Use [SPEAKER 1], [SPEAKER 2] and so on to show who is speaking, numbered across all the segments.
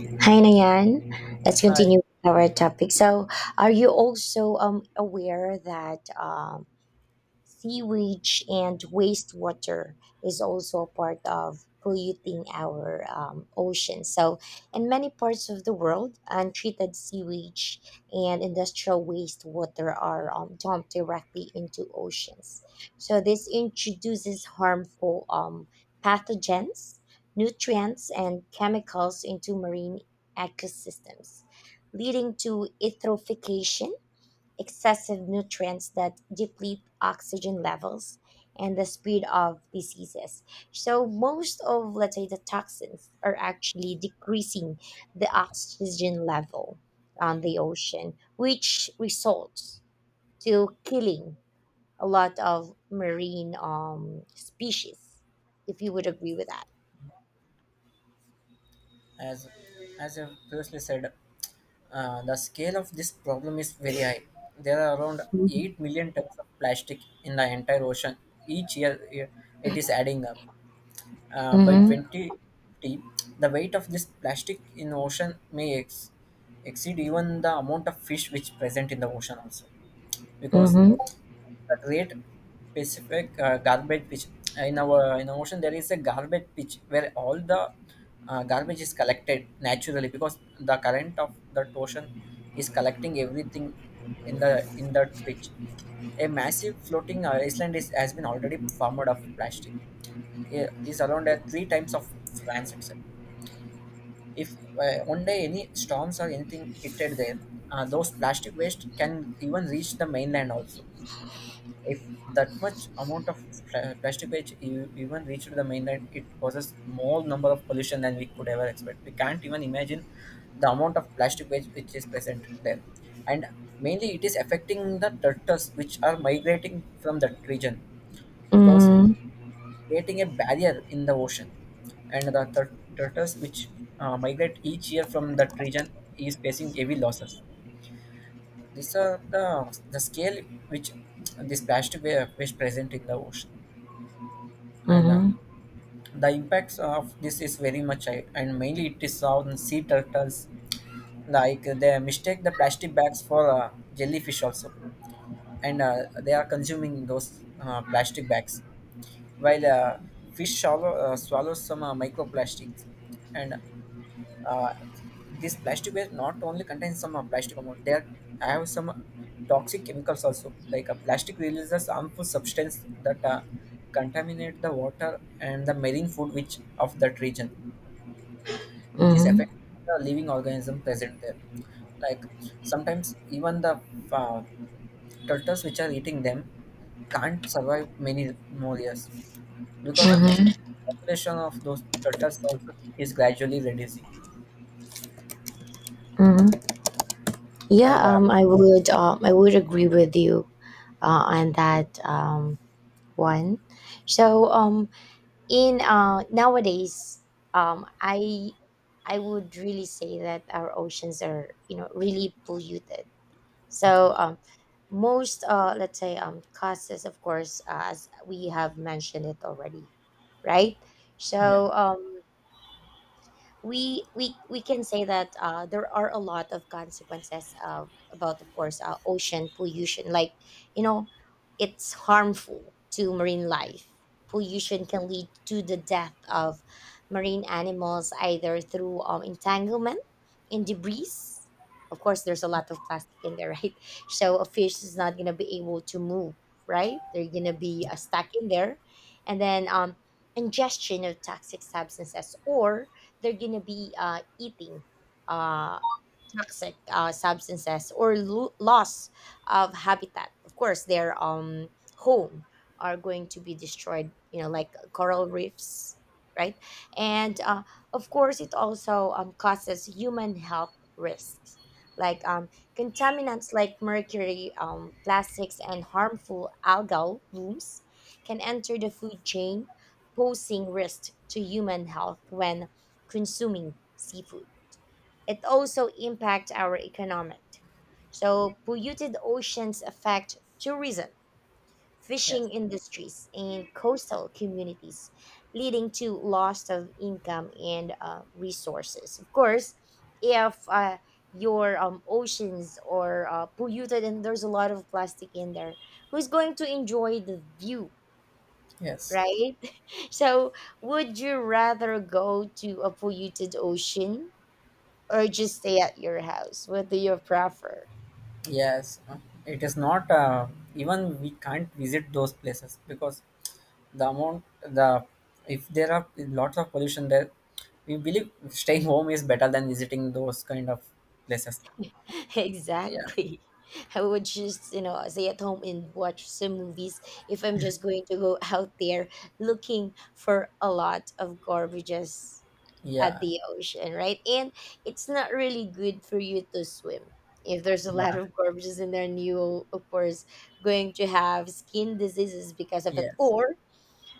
[SPEAKER 1] Hi, Nayan. Let's
[SPEAKER 2] Hi.
[SPEAKER 1] continue with our topic. So, are you also aware that sewage and wastewater is also a part of polluting our ocean. So, in many parts of the world, untreated sewage and industrial wastewater are dumped directly into oceans. So, this introduces harmful pathogens, nutrients, and chemicals into marine ecosystems, leading to eutrophication excessive nutrients that deplete oxygen levels and the spread of diseases. So most of, let's say, the toxins are actually decreasing the oxygen level on the ocean, which results to killing a lot of marine species. If you would agree with that.
[SPEAKER 2] As as I previously said, the scale of this problem is very high. There are around
[SPEAKER 1] Mhm.
[SPEAKER 2] 8 million tons of plastic in the entire ocean. Each year it is adding up. By
[SPEAKER 1] Mhm.
[SPEAKER 2] 2050, the weight of this plastic in ocean may exceed even the amount of fish which present in the ocean also. Because
[SPEAKER 1] Mhm.
[SPEAKER 2] the great Pacific garbage pitch in our ocean there is a garbage pitch where all the garbage is collected naturally because the current of that ocean is collecting everything in that pitch. A massive floating island has been already formed of plastic. It is around at three times of France itself. If one day any storms or anything hit it there, those plastic waste can even reach the mainland also if that much amount of plastic waste even reached the mainland, it causes more number of pollution than we could ever expect. We can't even imagine the amount of plastic waste which is present there, and mainly it is affecting the turtles which are migrating from that region because
[SPEAKER 1] Mhm.
[SPEAKER 2] creating a barrier in the ocean, and the turtles which migrate each year from that region is facing heavy losses. These are the scale which this plastic waste present in the ocean. And
[SPEAKER 1] Mhm.
[SPEAKER 2] The impacts of this is very much high, and mainly it is on sea turtles like they mistake the plastic bags for jellyfish also and they are consuming those plastic bags while fish swallows some microplastics and uh, this plastic waste not only contains some plastic amount there I have some toxic chemicals also like a plastic releases harmful substance that contaminate the water and the marine food which of that region which is
[SPEAKER 1] Mhm.
[SPEAKER 2] affecting the living organism present there like sometimes even the uh, turtles which are eating them can't survive many more years because of which population of those turtles also is gradually reducing
[SPEAKER 1] Mhm. Yeah,
[SPEAKER 2] and
[SPEAKER 1] I would agree with you on that one. So, in nowadays, um, I I would really say that our oceans are, you know, really polluted.
[SPEAKER 2] yeah,
[SPEAKER 1] So, most let's say, causes, of course, as we have mentioned it already, right?
[SPEAKER 2] yeah.
[SPEAKER 1] So, we can say that there are a lot of consequences of about, of course, ocean pollution, like, you know, it's harmful to marine life. Pollution can lead to the death of marine animals, either through entanglement in debris. Of course, there's a lot of plastic in there, right? So a fish is not going to be able to move, right? They're going to be
[SPEAKER 2] Yeah.
[SPEAKER 1] stuck in there. And then, ingestion of toxic substances, or they're gonna be eating uh, toxic substances, or loss of habitat. Of course, their home are going to be destroyed. You know, like coral reefs, right? And of course, it also causes human health risks, like, contaminants like mercury, plastics, and harmful algal blooms can enter the food chain, posing risk to human health when consuming seafood. It also impacts our economic. So polluted oceans affect tourism,
[SPEAKER 2] Yes.
[SPEAKER 1] fishing industries, and coastal communities, leading to loss of income and resources. Of course, if your oceans are polluted and there's a lot of plastic in there, who's going to enjoy the view,
[SPEAKER 2] Yes.
[SPEAKER 1] right? So, would you rather go to a polluted ocean or just stay at your house? What do you prefer?
[SPEAKER 2] Yes. It is not even we can't visit those places because the amount the if there are lots of pollution there, we believe staying home is better than visiting those kind of places. Yeah.
[SPEAKER 1] Exactly. I would just, you know, stay at home and watch some movies if I'm just going to go out there looking for a lot of garbages at
[SPEAKER 2] Yeah.
[SPEAKER 1] the ocean, right? And it's not really good for you to swim. If there's a lot
[SPEAKER 2] Yeah.
[SPEAKER 1] of garbages in there, and you, of course, going to have skin diseases because of it.
[SPEAKER 2] Yes.
[SPEAKER 1] Or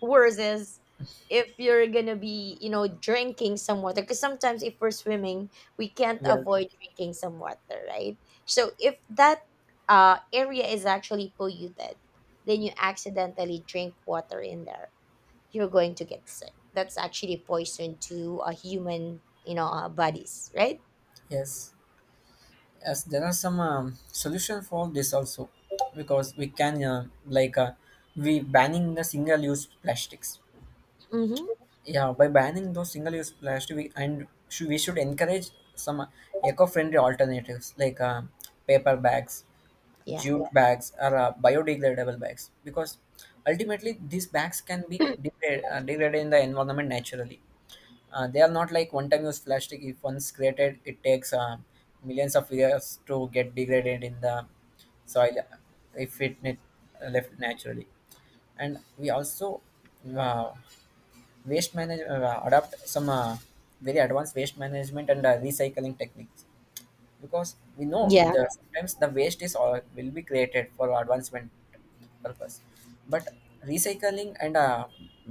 [SPEAKER 1] worse is if you're gonna be, you know, drinking some water, because sometimes if we're swimming we can't
[SPEAKER 2] We are. Okay.
[SPEAKER 1] avoid drinking some water, right? So if that area is actually polluted, then you accidentally drink water in there, you're going to get sick. That's actually poison to a human, you know, bodies, right?
[SPEAKER 2] Yes. Yes. There are some solution for this also because we can we banning the single use plastics.
[SPEAKER 1] Mm-hmm.
[SPEAKER 2] Yeah, by banning those single-use plastic, we should encourage some eco-friendly alternatives like paper bags,
[SPEAKER 1] Yeah.
[SPEAKER 2] jute bags, or biodegradable bags, because ultimately these bags can be degraded in the environment naturally. They are not like one-time-use plastic. If once created, it takes millions of years to get degraded in the soil if left naturally and we also uh, waste management adopt some very advanced waste management and recycling techniques because we know
[SPEAKER 1] Yeah.
[SPEAKER 2] the sometimes the waste is all will be created for advancement purpose but recycling and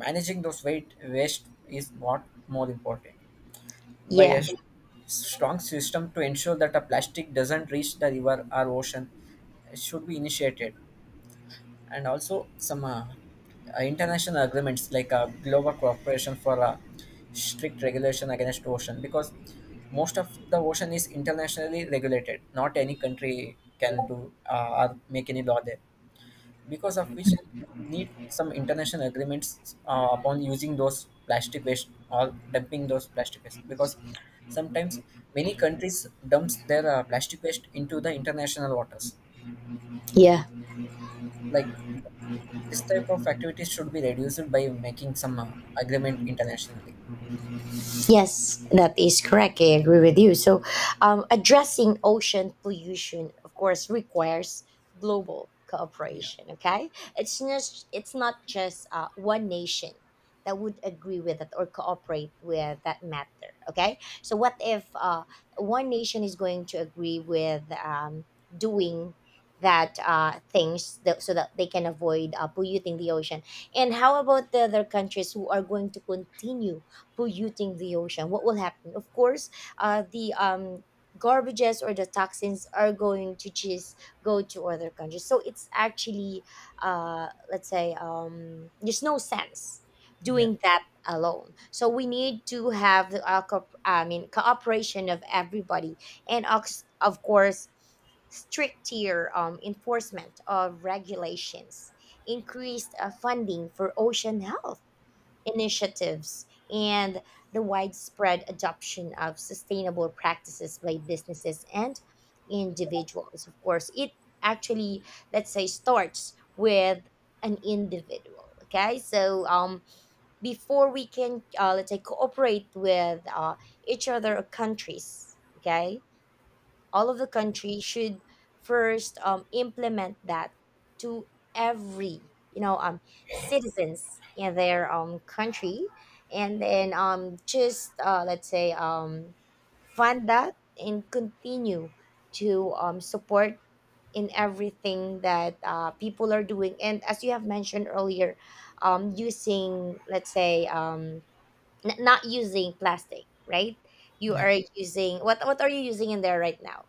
[SPEAKER 2] managing those weight waste is what more important by a
[SPEAKER 1] Yeah.
[SPEAKER 2] s- strong system to ensure that a plastic doesn't reach the river or ocean should be initiated and also some international agreements like global cooperation for strict regulation against ocean because most of the ocean is internationally regulated not any country can do or make any law there because of which we need some international agreements upon using those plastic waste or dumping those plastic waste because sometimes many countries dumps their plastic waste into the international waters
[SPEAKER 1] Yeah.
[SPEAKER 2] like this type of activities should be reduced by making some agreement internationally.
[SPEAKER 1] Yes, that is correct. I agree with you. So, addressing ocean pollution, of course, requires global
[SPEAKER 2] Yeah,
[SPEAKER 1] cooperation. Okay, it's just, it's not just one nation that would agree with it or cooperate with that matter. Okay, so what if one nation is going to agree with doing that things that, so that they can avoid polluting the ocean? And how about the other countries who are going to continue polluting the ocean? What will happen? Of course, the garbages or the toxins are going to just go to other countries. So it's actually, let's say, there's no sense
[SPEAKER 2] yeah,
[SPEAKER 1] doing that alone. So we need to have the I mean, cooperation of everybody, and of course stricter enforcement of regulations, increased funding for ocean health initiatives, and the widespread adoption of sustainable practices by businesses and individuals. Of course, it actually, let's say, starts with an individual. Okay, so before we can, let's say, cooperate with each other or countries, okay, all of the country should first implement that to every, you know, citizens in their country, and then just let's say, fund that and continue to support in everything that people are doing. And as you have mentioned earlier, using, let's say, not using plastic, right? You
[SPEAKER 2] yeah.
[SPEAKER 1] are using, what are you using in there right now?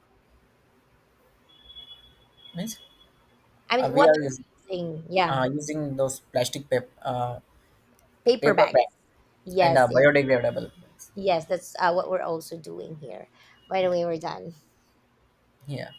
[SPEAKER 2] Means
[SPEAKER 1] I
[SPEAKER 2] uh,
[SPEAKER 1] mean,
[SPEAKER 2] we
[SPEAKER 1] what
[SPEAKER 2] are
[SPEAKER 1] I'm
[SPEAKER 2] using,
[SPEAKER 1] saying, yeah,
[SPEAKER 2] using those
[SPEAKER 1] paper
[SPEAKER 2] paper
[SPEAKER 1] bags.
[SPEAKER 2] bags and
[SPEAKER 1] Yes, yes,
[SPEAKER 2] biodegradable bags.
[SPEAKER 1] yes. That's what we're also doing here. By the
[SPEAKER 2] Yeah,
[SPEAKER 1] way, we're done.
[SPEAKER 2] yeah.